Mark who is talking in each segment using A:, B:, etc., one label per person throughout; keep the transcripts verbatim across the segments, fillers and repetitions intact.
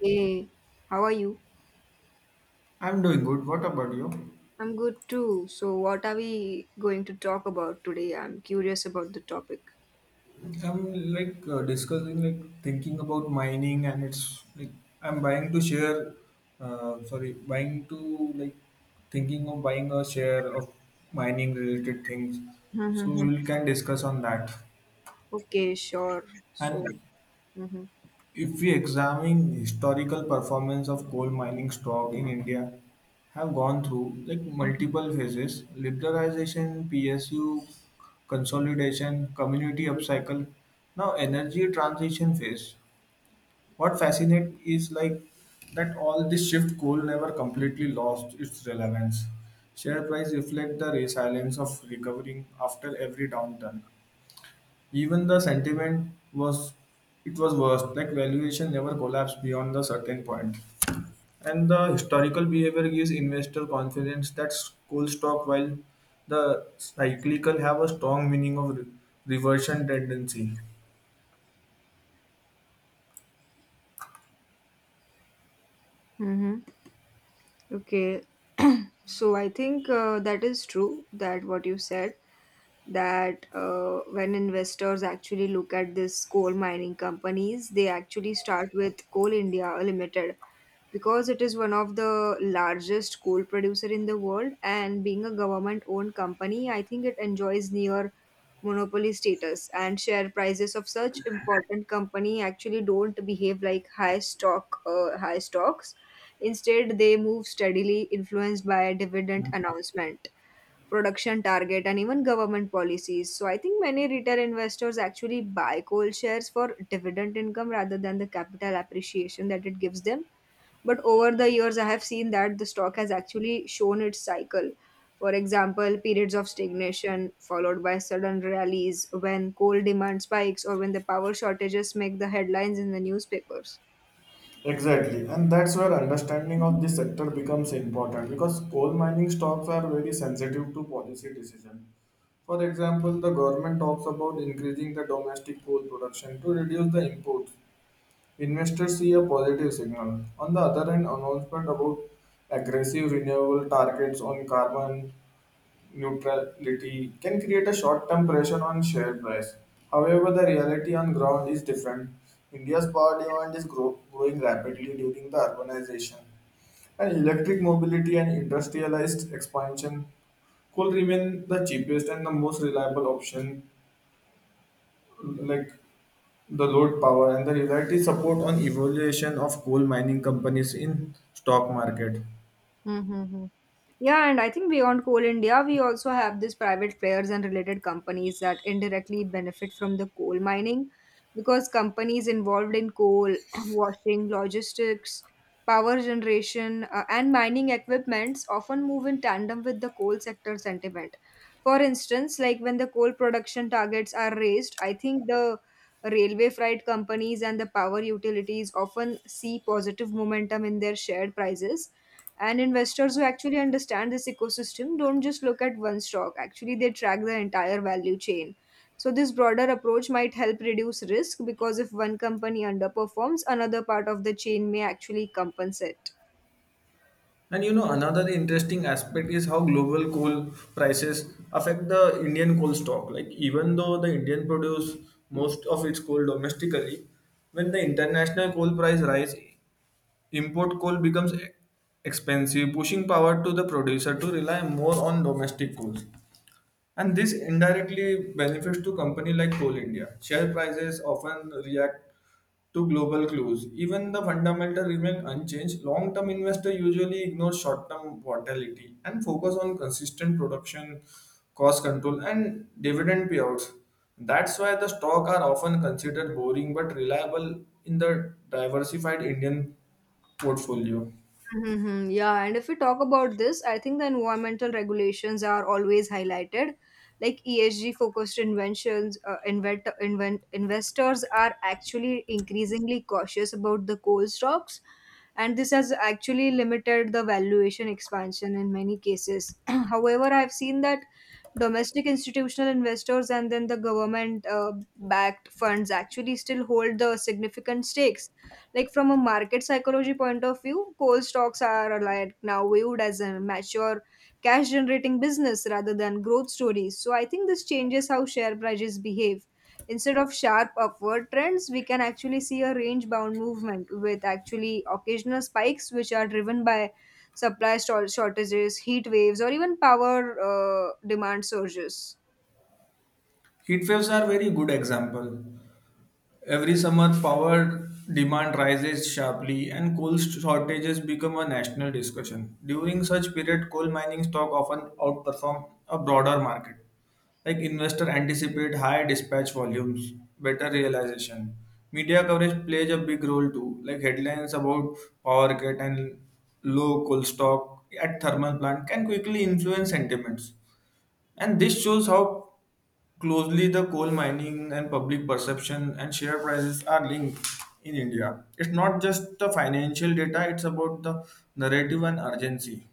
A: Hey, how are you?
B: I'm doing good. What about you?
A: I'm good too. So, what are we going to talk about today? I'm curious about the topic.
B: I'm like uh, discussing, like thinking about mining, and it's like I'm buying to share. Uh, sorry, buying to like thinking of buying a share of mining related things. So
A: Mm-hmm.
B: we can discuss on that.
A: Okay, sure. So,
B: And If we examine historical performance of coal mining stock in India, have gone through like multiple phases: liberalization, P S U, consolidation, community upcycle, now energy transition phase. What fascinates is like that all this shift coal never completely lost its relevance. Share price reflect the resilience of recovering after every downturn. Even the sentiment was it was worse, like valuation never collapsed beyond the certain point. And the historical behavior gives investor confidence that school stock while the cyclical have a strong meaning of re- reversion tendency.
A: hmm okay. So, I think uh, that is true that what you said that uh, when investors actually look at this coal mining companies, they actually start with Coal India Limited, because it is one of the largest coal producer in the world, and being a government owned company, I think it enjoys near monopoly status. And share prices of such important company actually don't behave like high stock uh, high stocks. Instead, they move steadily, influenced by dividend announcement, production target, and even government policies. So I think many retail investors actually buy coal shares for dividend income rather than the capital appreciation that it gives them. But over the years, I have seen that the stock has actually shown its cycle. For example, periods of stagnation followed by sudden rallies when coal demand spikes or when the power shortages make the headlines in the newspapers.
B: Exactly, and that's where understanding of this sector becomes important because coal mining stocks are very sensitive to policy decision. For example, the government talks about increasing the domestic coal production to reduce the imports, investors see a positive signal. On the other hand, announcement about aggressive renewable targets on carbon neutrality can create a short-term pressure on share price. However, the reality on ground is different. India's power demand is grow- growing rapidly during the urbanization, and electric mobility and industrialized expansion could remain the cheapest and the most reliable option like the load power and the reality support on evaluation of coal mining companies in stock market.
A: Mm-hmm. Yeah, and I think beyond Coal India, we also have these private players and related companies that indirectly benefit from the coal mining, because companies involved in coal, washing, logistics, power generation, uh, and mining equipments often move in tandem with the coal sector sentiment. For instance, like when the coal production targets are raised, I think the railway freight companies and the power utilities often see positive momentum in their shared prices, and investors who actually understand this ecosystem don't just look at one stock. Actually, they track the entire value chain. So, this broader approach might help reduce risk, because if one company underperforms, another part of the chain may actually compensate.
B: And you know another interesting aspect is how global coal prices affect the Indian coal stock, like even though the Indian produce most of its coal domestically, when the international coal price rise, import coal becomes e- expensive, pushing power to the producer to rely more on domestic coal. And this indirectly benefits to company like Coal India. Share prices often react to global clues. Even the fundamental remain unchanged. Long-term investor usually ignore short-term volatility and focus on consistent production, cost control, and dividend payouts. That's why the stock are often considered boring but reliable in the diversified Indian portfolio.
A: Mm-hmm. Yeah, and if we talk about this, I think the environmental regulations are always highlighted. Like E S G focused inventions, uh, invent, invent, investors are actually increasingly cautious about the coal stocks, and this has actually limited the valuation expansion in many cases. However, I've seen that domestic institutional investors and then the government uh, backed funds actually still hold the significant stakes. Like from a market psychology point of view, coal stocks are like now viewed as a mature cash generating business rather than growth stories. So I think this changes how share prices behave. Instead of sharp upward trends, we can actually see a range bound movement with actually occasional spikes which are driven by supply stor- shortages, heat waves, or even power uh, demand surges.
B: Heat waves are very good example. Every summer, power demand rises sharply and coal shortages become a national discussion. During such period, coal mining stock often outperform a broader market. Like investor anticipate higher dispatch volumes, better realization. Media coverage plays a big role too, like headlines about power cut and low coal stock at thermal plant can quickly influence sentiments. And this shows how closely the coal mining and public perception and share prices are linked in India. It's not just the financial data, it's about the narrative and urgency.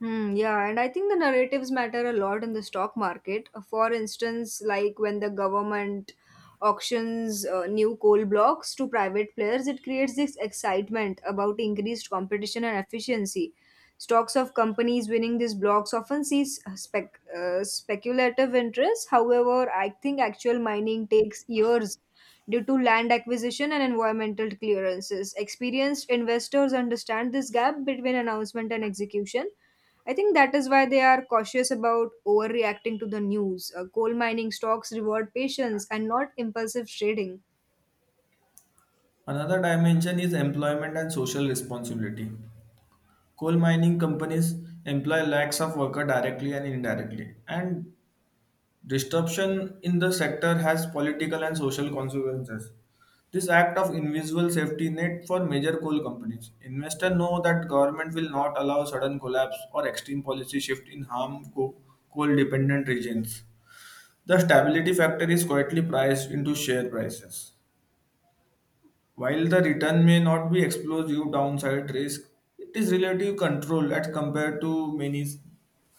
A: Hmm, yeah, and I think the narratives matter a lot in the stock market. Uh, For instance, like when the government auctions uh, new coal blocks to private players, it creates this excitement about increased competition and efficiency. Stocks of companies winning these blocks often sees spec- uh, speculative interest. However, I think actual mining takes years due to land acquisition and environmental clearances. Experienced investors understand this gap between announcement and execution. I think that is why they are cautious about overreacting to the news. Uh, coal mining stocks reward patience and not impulsive trading.
B: Another dimension is employment and social responsibility. Coal mining companies employ lakhs of workers directly and indirectly, and disruption in the sector has political and social consequences. This act of invisible safety net for major coal companies. Investors know that government will not allow sudden collapse or extreme policy shift in harm coal dependent regions. The stability factor is quietly priced into share prices. While the return may not be explosive downside risk, it is relative control as compared to many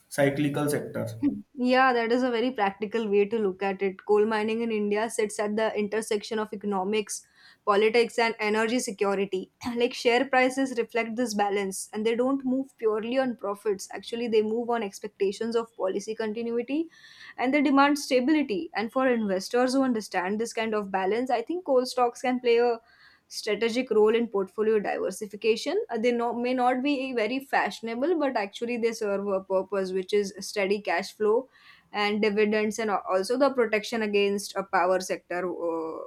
B: cyclical sectors.
A: Yeah, that is a very practical way to look at it. Coal mining in India sits at the intersection of economics, politics, and energy security. Like share prices reflect this balance, and they don't move purely on profits. Actually, they move on expectations of policy continuity and they demand stability. And for investors who understand this kind of balance, I think coal stocks can play a strategic role in portfolio diversification. Uh, they no, may not be very fashionable, but actually they serve a purpose, which is steady cash flow and dividends, and al- also the protection against a power sector, uh,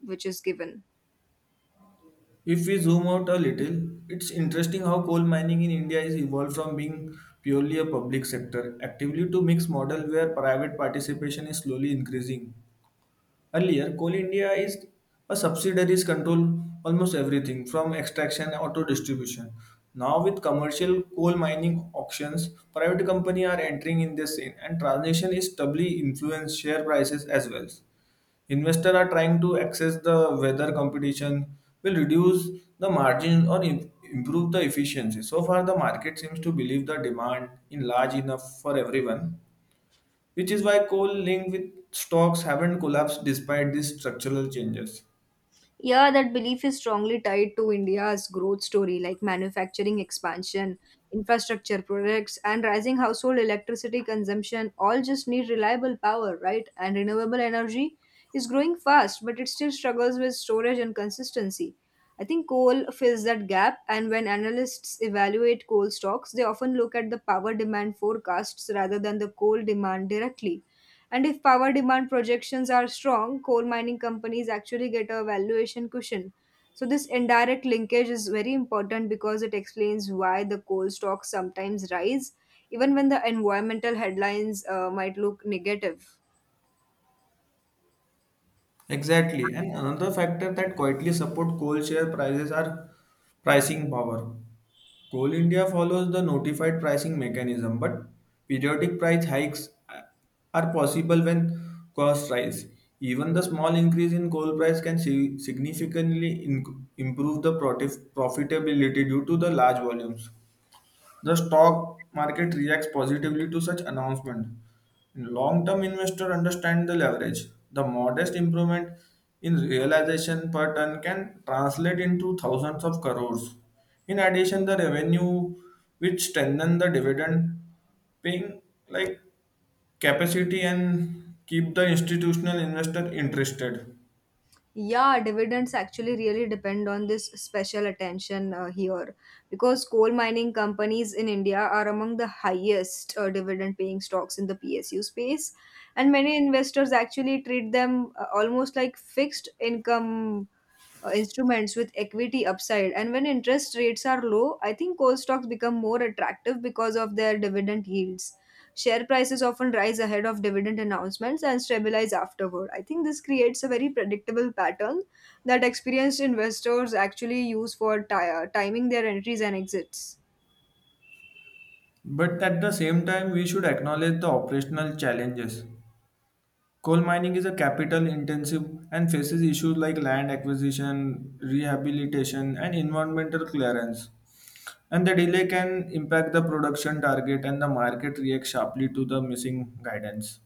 A: which is given.
B: If we zoom out a little, it's interesting how coal mining in India is evolved from being purely a public sector actively to mixed model where private participation is slowly increasing. Earlier, Coal India is a subsidiaries control almost everything from extraction or to distribution. Now, with commercial coal mining auctions, private companies are entering in this scene, and transition is doubly influence share prices as well. Investors are trying to access the whether competition will reduce the margin or im- improve the efficiency. So far, the market seems to believe the demand in large enough for everyone, which is why coal linked with stocks haven't collapsed despite these structural changes.
A: Yeah, that belief is strongly tied to India's growth story, like manufacturing expansion, infrastructure products, and rising household electricity consumption. All just need reliable power, right? And renewable energy is growing fast, but it still struggles with storage and consistency. I think coal fills that gap, and when analysts evaluate coal stocks, they often look at the power demand forecasts rather than the coal demand directly. And if power demand projections are strong, coal mining companies actually get a valuation cushion. So, this indirect linkage is very important because it explains why the coal stocks sometimes rise, even when the environmental headlines uh, might look negative.
B: Exactly. And another factor that quietly support coal share prices are pricing power. Coal India follows the notified pricing mechanism, but periodic price hikes are possible when costs rise. Even the small increase in coal price can si- significantly in- improve the protif- profitability due to the large volumes. The stock market reacts positively to such announcement. Long-term investor understand the leverage. The modest improvement in realization per ton can translate into thousands of crores. In addition, the revenue which strengthen the dividend paying like capacity and keep the institutional investor interested.
A: Yeah, dividends actually really depend on this special attention uh, here, because coal mining companies in India are among the highest uh, dividend paying stocks in the P S U space. And many investors actually treat them uh, almost like fixed income uh, instruments with equity upside. And when interest rates are low, I think coal stocks become more attractive because of their dividend yields. Share prices often rise ahead of dividend announcements and stabilize afterward. I think this creates a very predictable pattern that experienced investors actually use for ti- uh, timing their entries and exits.
B: But at the same time, we should acknowledge the operational challenges. Coal mining is a capital intensive and faces issues like land acquisition, rehabilitation, and environmental clearance. And the delay can impact the production target, and the market reacts sharply to the missing guidance.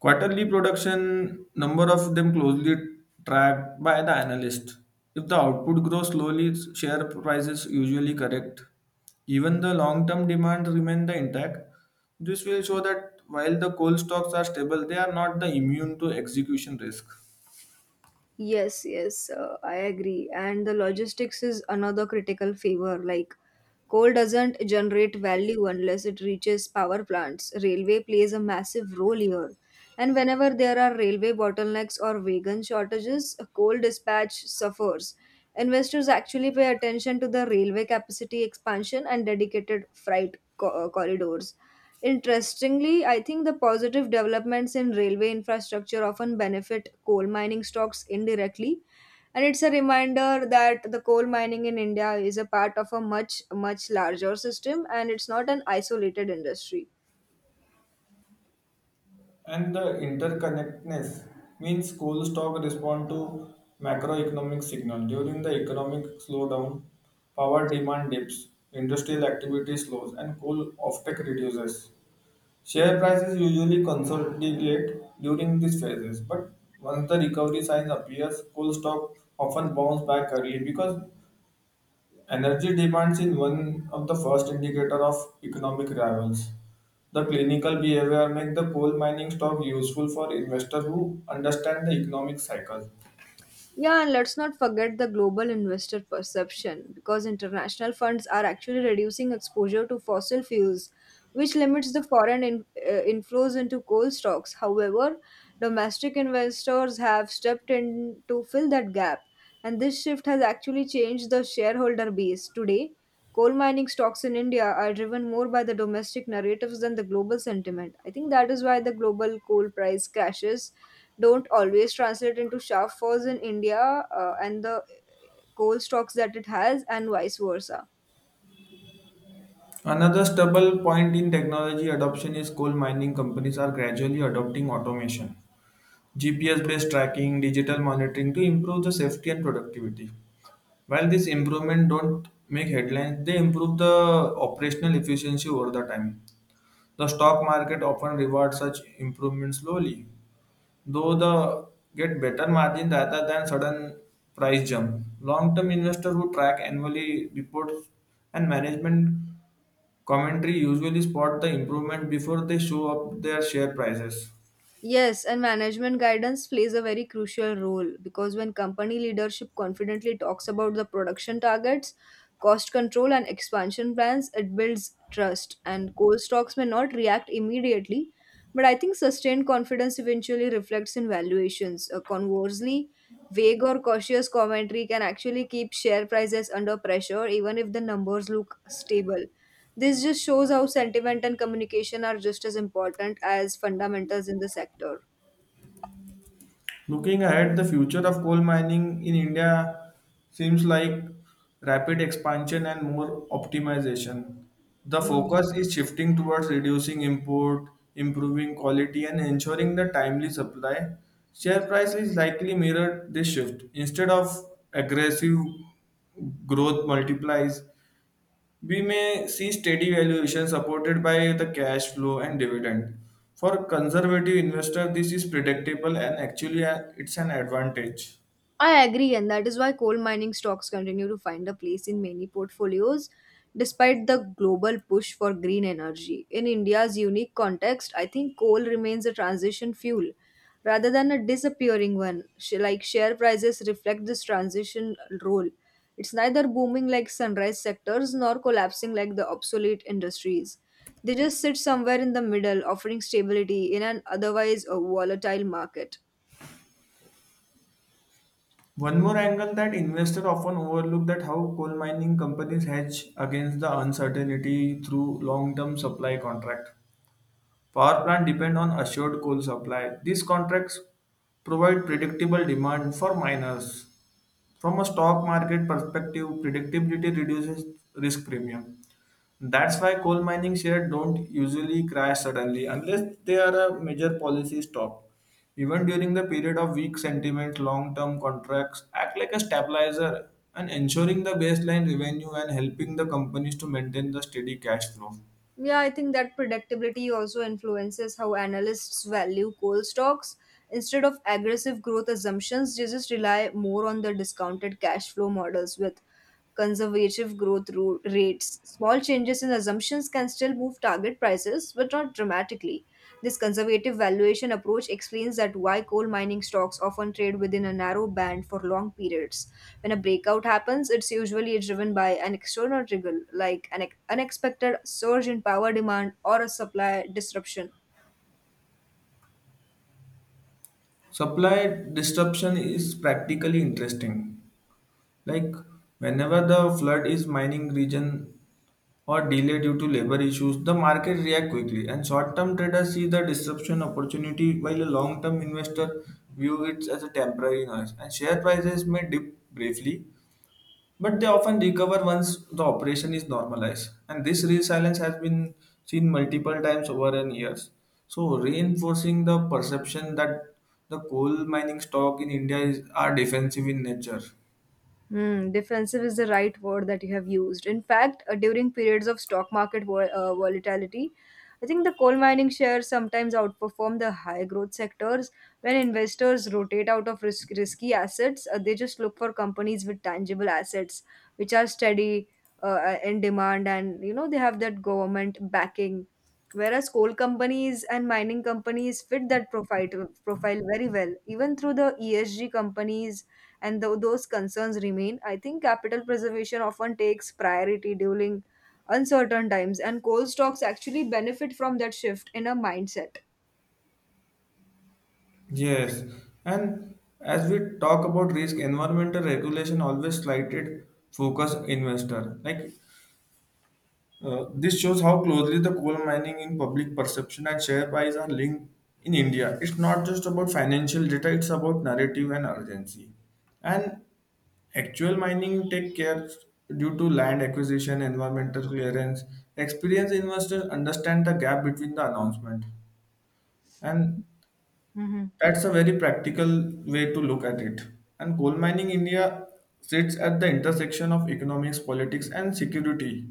B: Quarterly production number of them closely tracked by the analyst. If the output grows slowly, share prices usually correct. Even the long-term demand remain the intact. This will show that while the coal stocks are stable, they are not the immune to execution risk.
A: Yes, yes, uh, I agree. And the logistics is another critical favor. Like, coal doesn't generate value unless it reaches power plants. Railway plays a massive role here. And whenever there are railway bottlenecks or wagon shortages, coal dispatch suffers. Investors actually pay attention to the railway capacity expansion and dedicated freight co- uh, corridors. Interestingly, I think the positive developments in railway infrastructure often benefit coal mining stocks indirectly. And it's a reminder that the coal mining in India is a part of a much, much larger system and it's not an isolated industry.
B: And the interconnectedness means coal stock respond to macroeconomic signal. During the economic slowdown, power demand dips, industrial activity slows, and coal offtake reduces. Share prices usually consolidate during these phases, but once the recovery sign appears, coal stock often bounce back early because energy demands in one of the first indicator of economic rivals. The clinical behavior make the coal mining stock useful for investors who understand the economic cycle.
A: Yeah, and let's not forget the global investor perception, because international funds are actually reducing exposure to fossil fuels, which limits the foreign in, uh, inflows into coal stocks. However, domestic investors have stepped in to fill that gap, and this shift has actually changed the shareholder base. Today, coal mining stocks in India are driven more by the domestic narratives than the global sentiment. I think that is why the global coal price crashes don't always translate into sharp falls in India uh, and the coal stocks that it has, and vice versa.
B: Another stable point in technology adoption is coal mining companies are gradually adopting automation, G P S based tracking, digital monitoring to improve the safety and productivity. While this improvement don't make headlines, they improve the operational efficiency over the time. The stock market often rewards such improvements slowly, though the get better margin rather than sudden price jump. Long-term investors who track annually reports and management commentary usually spot the improvement before they show up their share prices.
A: Yes, and management guidance plays a very crucial role, because when company leadership confidently talks about the production targets, cost control, and expansion plans, it builds trust. And coal stocks may not react immediately, but I think sustained confidence eventually reflects in valuations. Uh, conversely, vague or cautious commentary can actually keep share prices under pressure even if the numbers look stable. This just shows how sentiment and communication are just as important as fundamentals in the sector.
B: Looking ahead, the future of coal mining in India seems like rapid expansion and more optimization. The
A: Mm.
B: focus is shifting towards reducing import, improving quality, and ensuring the timely supply. Share price is likely mirrored this shift. Instead of aggressive growth multiplies, we may see steady valuation supported by the cash flow and dividend. For conservative investor, this is predictable and actually uh, it's an advantage.
A: I agree, and that is why coal mining stocks continue to find a place in many portfolios despite the global push for green energy. In India's unique context, I think coal remains a transition fuel rather than a disappearing one. Sh- Like share prices reflect this transition role. It's neither booming like sunrise sectors nor collapsing like the obsolete industries. They just sit somewhere in the middle, offering stability in an otherwise a volatile market.
B: One more angle that investor often overlook that how coal mining companies hedge against the uncertainty through long-term supply contract. Power plant depend on assured coal supply. These contracts provide predictable demand for miners. From a stock market perspective, predictability reduces risk premium. That's why coal mining shares don't usually crash suddenly unless they are a major policy stop. Even during the period of weak sentiment, long term contracts act like a stabilizer and ensuring the baseline revenue and helping the companies to maintain the steady cash flow.
A: Yeah, I think that predictability also influences how analysts value coal stocks. Instead of aggressive growth assumptions, they just rely more on the discounted cash flow models with conservative growth ro- rates. Small changes in assumptions can still move target prices, but not dramatically. This conservative valuation approach explains that why coal mining stocks often trade within a narrow band for long periods. When a breakout happens, it's usually driven by an external trigger like an ex- unexpected surge in power demand or a supply disruption.
B: Supply disruption is practically interesting. Like whenever the flood is mining region or delay due to labor issues, the market reacts quickly, and short-term traders see the disruption opportunity while a long-term investor view it as a temporary noise. And share prices may dip briefly, but they often recover once the operation is normalized. And this resilience has been seen multiple times over in years. So reinforcing the perception that the coal mining stock in India is, are defensive in nature.
A: Hmm, defensive is the right word that you have used. In fact, uh, during periods of stock market vol- uh, volatility, I think the coal mining shares sometimes outperform the high growth sectors. When investors rotate out of risk- risky assets, uh, they just look for companies with tangible assets, which are steady uh, uh, in demand, and you know they have that government backing. Whereas coal companies and mining companies fit that profile profile very well. Even through the E S G companies and though those concerns remain, I think capital preservation often takes priority during uncertain times, and coal stocks actually benefit from that shift in a mindset.
B: Yes, and as we talk about risk, environmental regulation always slighted focus investor. Like uh, this shows how closely the coal mining in public perception and share price are linked in India. It's not just about financial data; it's about narrative and urgency. And actual mining take care due to land acquisition, environmental clearance. Experienced investors understand the gap between the announcement and
A: Hmm.
B: that's a very practical way to look at it. And coal mining India sits at the intersection of economics, politics, and security.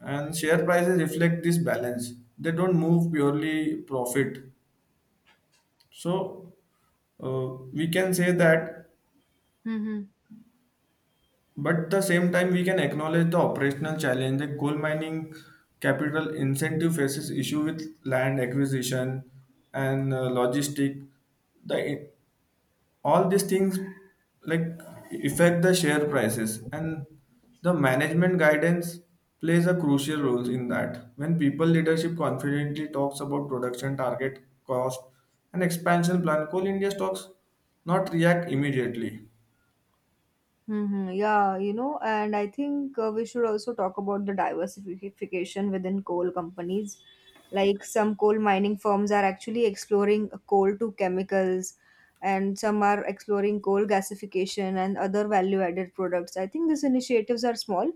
B: And share prices reflect this balance. They don't move purely profit. So uh, we can say that, but at the same time we can acknowledge the operational challenge that coal mining capital incentive faces issue with land acquisition and uh, logistic. The All these things like affect the share prices and the management guidance plays a crucial role in that when people leadership confidently talks about production target cost and expansion plan coal india stocks not react immediately.
A: Mm-hmm. Yeah, you know, and I think uh, we should also talk about the diversification within coal companies. Like some coal mining firms are actually exploring coal to chemicals, and some are exploring coal gasification and other value-added products. I think these initiatives are small,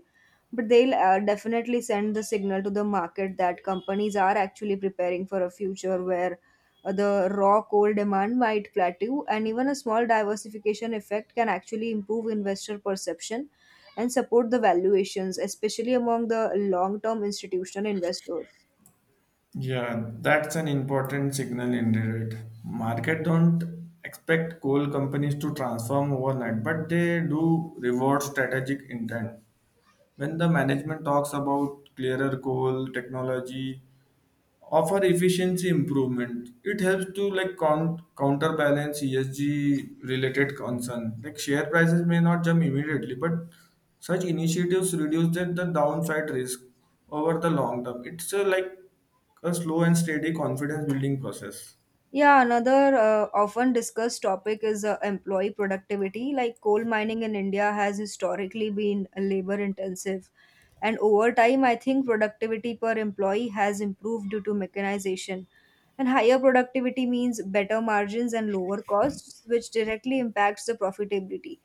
A: but they'll uh, definitely send the signal to the market that companies are actually preparing for a future where uh, the raw coal demand might plateau, and even a small diversification effect can actually improve investor perception and support the valuations, especially among the long term institutional investors.
B: Yeah, that's an important signal indeed. Market don't expect coal companies to transform overnight but they do reward strategic intent. When the management talks about clearer goal, technology, offer efficiency improvement, it helps to like count, counterbalance E S G related concern. Like share prices may not jump immediately, but such initiatives reduce the the downside risk over the long term. It's a, like a slow and steady confidence building process.
A: Yeah, another uh, often discussed topic is uh, employee productivity. Like coal mining in India has historically been labor intensive. And over time, I think productivity per employee has improved due to mechanization. And higher productivity means better margins and lower costs, which directly impacts the profitability.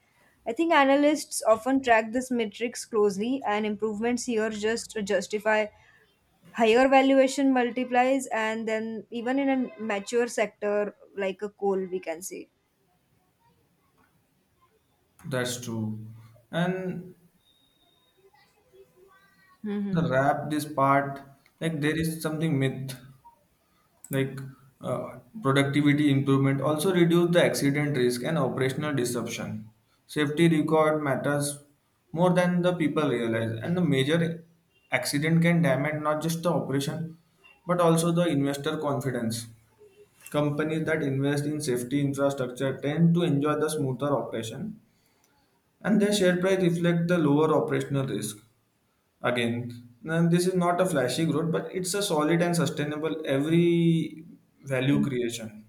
A: I think analysts often track this metrics closely, and improvements here just justify higher valuation multiplies, and then even in a mature sector like a coal we can say.
B: That's true. And
A: Mm-hmm.
B: the wrap this part, like there is something myth like uh, productivity improvement also reduce the accident risk and operational disruption. Safety record matters more than the people realize, and the major accident can damage not just the operation but also the investor confidence. Companies that invest in safety infrastructure tend to enjoy the smoother operation, and their share price reflect the lower operational risk. Again, and this is not a flashy growth, but it's a solid and sustainable every value creation.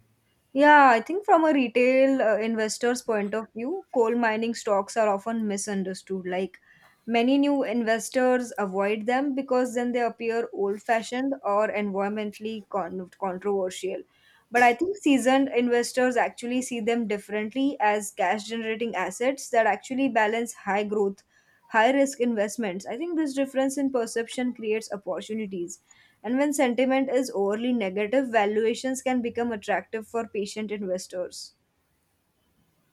A: Yeah, I think from a retail uh, investor's point of view, coal mining stocks are often misunderstood. Like many new investors avoid them because then they appear old-fashioned or environmentally con- controversial. But I think seasoned investors actually see them differently as cash-generating assets that actually balance high growth, high-risk investments. I think this difference in perception creates opportunities, and when sentiment is overly negative, valuations can become attractive for patient investors.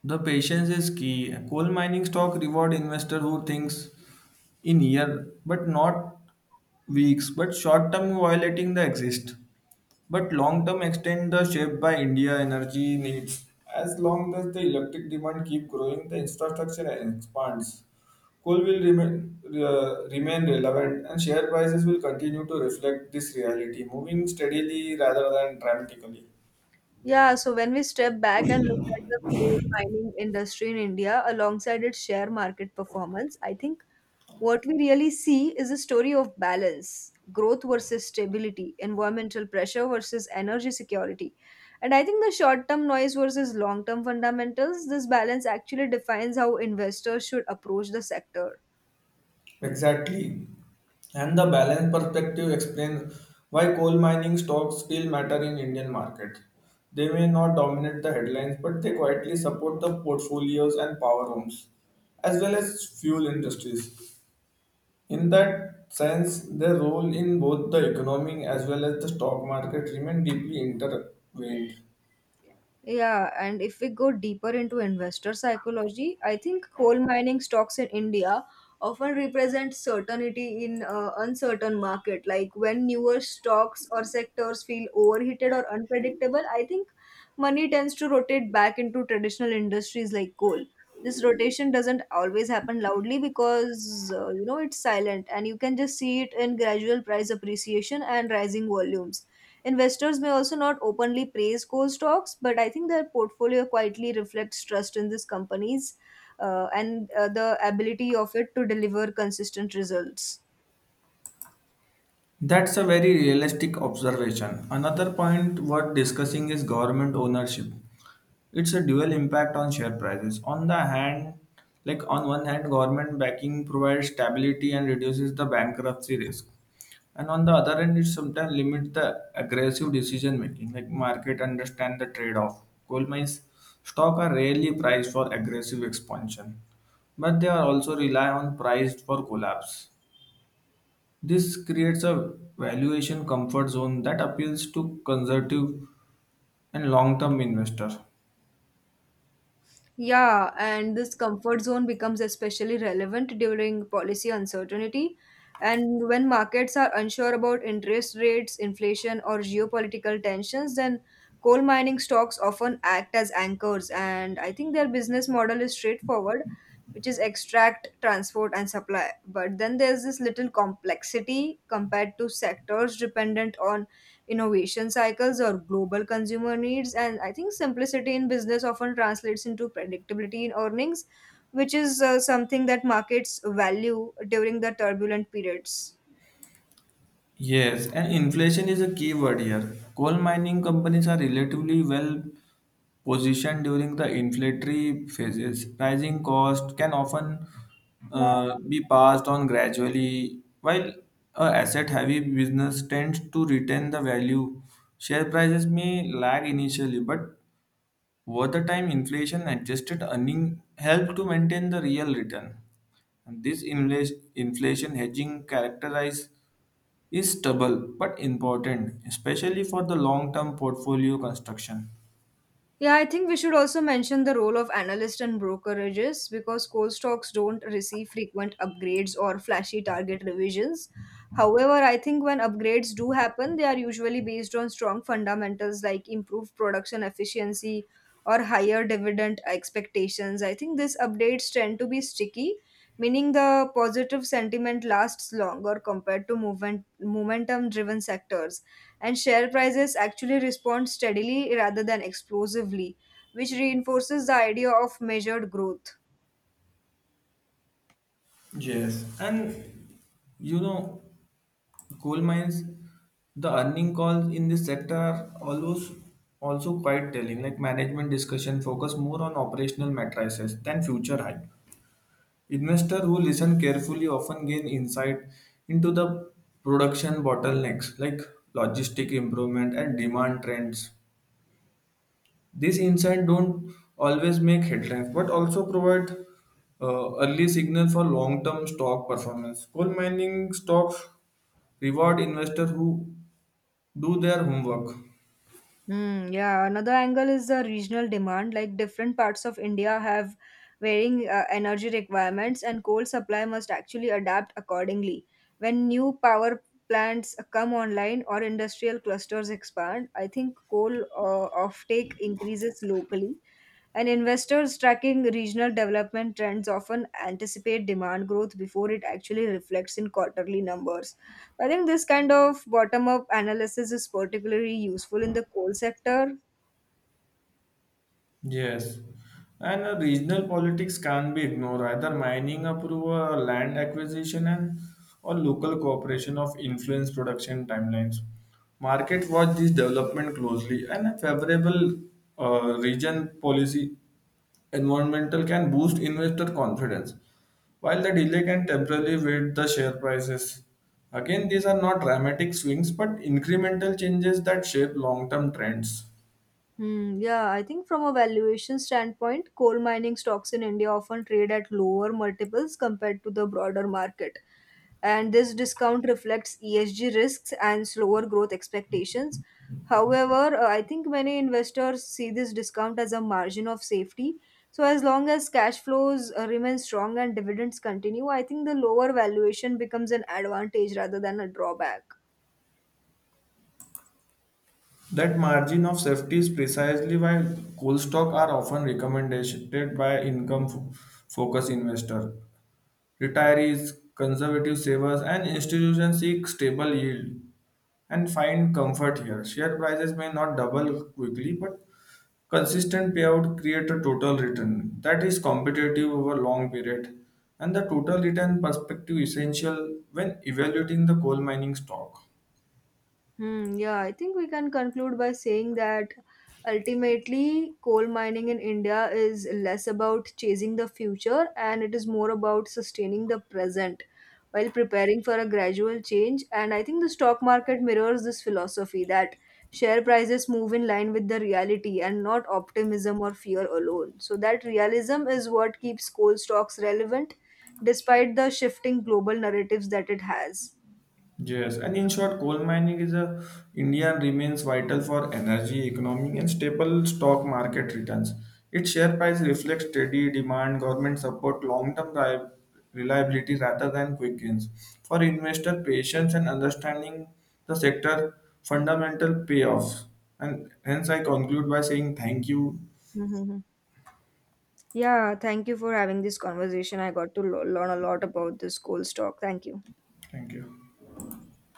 B: The patience is key. Coal mining stock reward investor who thinks in year but not weeks, but short term violating the exist. But long term extend the shape by India energy needs. As long as the electric demand keep growing, the infrastructure expands. Coal will remain uh, remain relevant, and share prices will continue to reflect this reality, moving steadily rather than dramatically.
A: Yeah, so when we step back and look at the coal mining industry in India alongside its share market performance, I think what we really see is a story of balance, growth versus stability, environmental pressure versus energy security. And I think the short term noise versus long term fundamentals, this balance actually defines how investors should approach the sector.
B: Exactly. And the balance perspective explains why coal mining stocks still matter in Indian market. They may not dominate the headlines, but they quietly support the portfolios and power homes, as well as fuel industries. In that sense, their role in both the economy as well as the stock market remain deeply intertwined.
A: Yeah, and if we go deeper into investor psychology, I think coal mining stocks in India often represent certainty in uh, uncertain market. Like when newer stocks or sectors feel overheated or unpredictable, I think money tends to rotate back into traditional industries like coal. This rotation doesn't always happen loudly because uh, you know it's silent, and you can just see it in gradual price appreciation and rising volumes. Investors may also not openly praise core stocks, but I think their portfolio quietly reflects trust in these companies, uh, and uh, the ability of it to deliver consistent results.
B: That's a very realistic observation. Another point worth discussing is government ownership. It's a dual impact on share prices. On the hand, like on one hand, government backing provides stability and reduces the bankruptcy risk. And on the other hand, it sometimes limits the aggressive decision making, like market understand the trade-off. Coal mines stock are rarely priced for aggressive expansion, but they are also rely on price for collapse. This creates a valuation comfort zone that appeals to conservative and long term investors.
A: Yeah, and this comfort zone becomes especially relevant during policy uncertainty, and when markets are unsure about interest rates, inflation, or geopolitical tensions, then coal mining stocks often act as anchors. And I think their business model is straightforward, which is extract, transport, and supply. But then there's this little complexity compared to sectors dependent on innovation cycles or global consumer needs, and I think simplicity in business often translates into predictability in earnings, which is uh, something that markets value during the turbulent periods.
B: Yes, and inflation is a key word here. Coal mining companies are relatively well positioned during the inflationary phases. Rising cost can often uh, be passed on gradually, while a asset heavy business tends to retain the value. Share prices may lag initially, but over the time, inflation adjusted earning helped to maintain the real return. And this infla- inflation hedging characterize is stable but important, especially for the long term portfolio construction.
A: Yeah, I think we should also mention the role of analysts and brokerages because core stocks don't receive frequent upgrades or flashy target revisions. However, I think when upgrades do happen, they are usually based on strong fundamentals like improved production efficiency or higher dividend expectations. I think these updates tend to be sticky, meaning the positive sentiment lasts longer compared to movement momentum driven sectors, and share prices actually respond steadily rather than explosively, which reinforces the idea of measured growth.
B: Yes, and you know, coal mines, the earning calls in this sector are always also quite telling. Like management discussion focus more on operational matrices than future hype. Investors who listen carefully often gain insight into the production bottlenecks like logistic improvement and demand trends. These insights don't always make headlines but also provide uh, early signal for long-term stock performance. Coal mining stocks reward investors who do their homework.
A: Hmm. Yeah, another angle is the regional demand. Like different parts of India have varying uh, energy requirements, and coal supply must actually adapt accordingly. When new power plants come online or industrial clusters expand, I think coal uh, offtake increases locally, and investors tracking regional development trends often anticipate demand growth before it actually reflects in quarterly numbers. I think this kind of bottom up analysis is particularly useful in the coal sector.
B: Yes, and uh, regional politics can't be ignored. Either mining approval, land acquisition, and or local cooperation of influence production timelines. Market watch this development closely, and a favorable uh, region policy environmental can boost investor confidence, while the delay can temporarily weight the share prices. Again, these are not dramatic swings, but incremental changes that shape long-term trends.
A: Hmm, yeah, I think from a valuation standpoint, coal mining stocks in India often trade at lower multiples compared to the broader market. And this discount reflects E S G risks and slower growth expectations. However, uh, I think many investors see this discount as a margin of safety. So, as long as cash flows uh, remain strong and dividends continue, I think the lower valuation becomes an advantage rather than a drawback.
B: That margin of safety is precisely why cool stock are often recommended by income focused investors, retirees, conservative savers, and institutions seek stable yield and find comfort here. Share prices may not double quickly, but consistent payout create a total return that is competitive over long period. And the total return perspective essential when evaluating the coal mining stock.
A: Hmm, yeah, I think we can conclude by saying that ultimately coal mining in India is less about chasing the future and it is more about sustaining the present while preparing for a gradual change. And I think the stock market mirrors this philosophy that share prices move in line with the reality and not optimism or fear alone. So that realism is what keeps coal stocks relevant despite the shifting global narratives that it has.
B: Yes, and in short, coal mining is a India remains vital for energy, economic, and stable stock market returns. Its share price reflects steady demand, government support, long-term ri- reliability rather than quick gains. For investor, patience and understanding the sector fundamental payoffs. And hence, I conclude by saying thank you.
A: Hmm. Yeah, thank you for having this conversation. I got to lo- learn a lot about this coal stock. Thank you.
B: Thank you.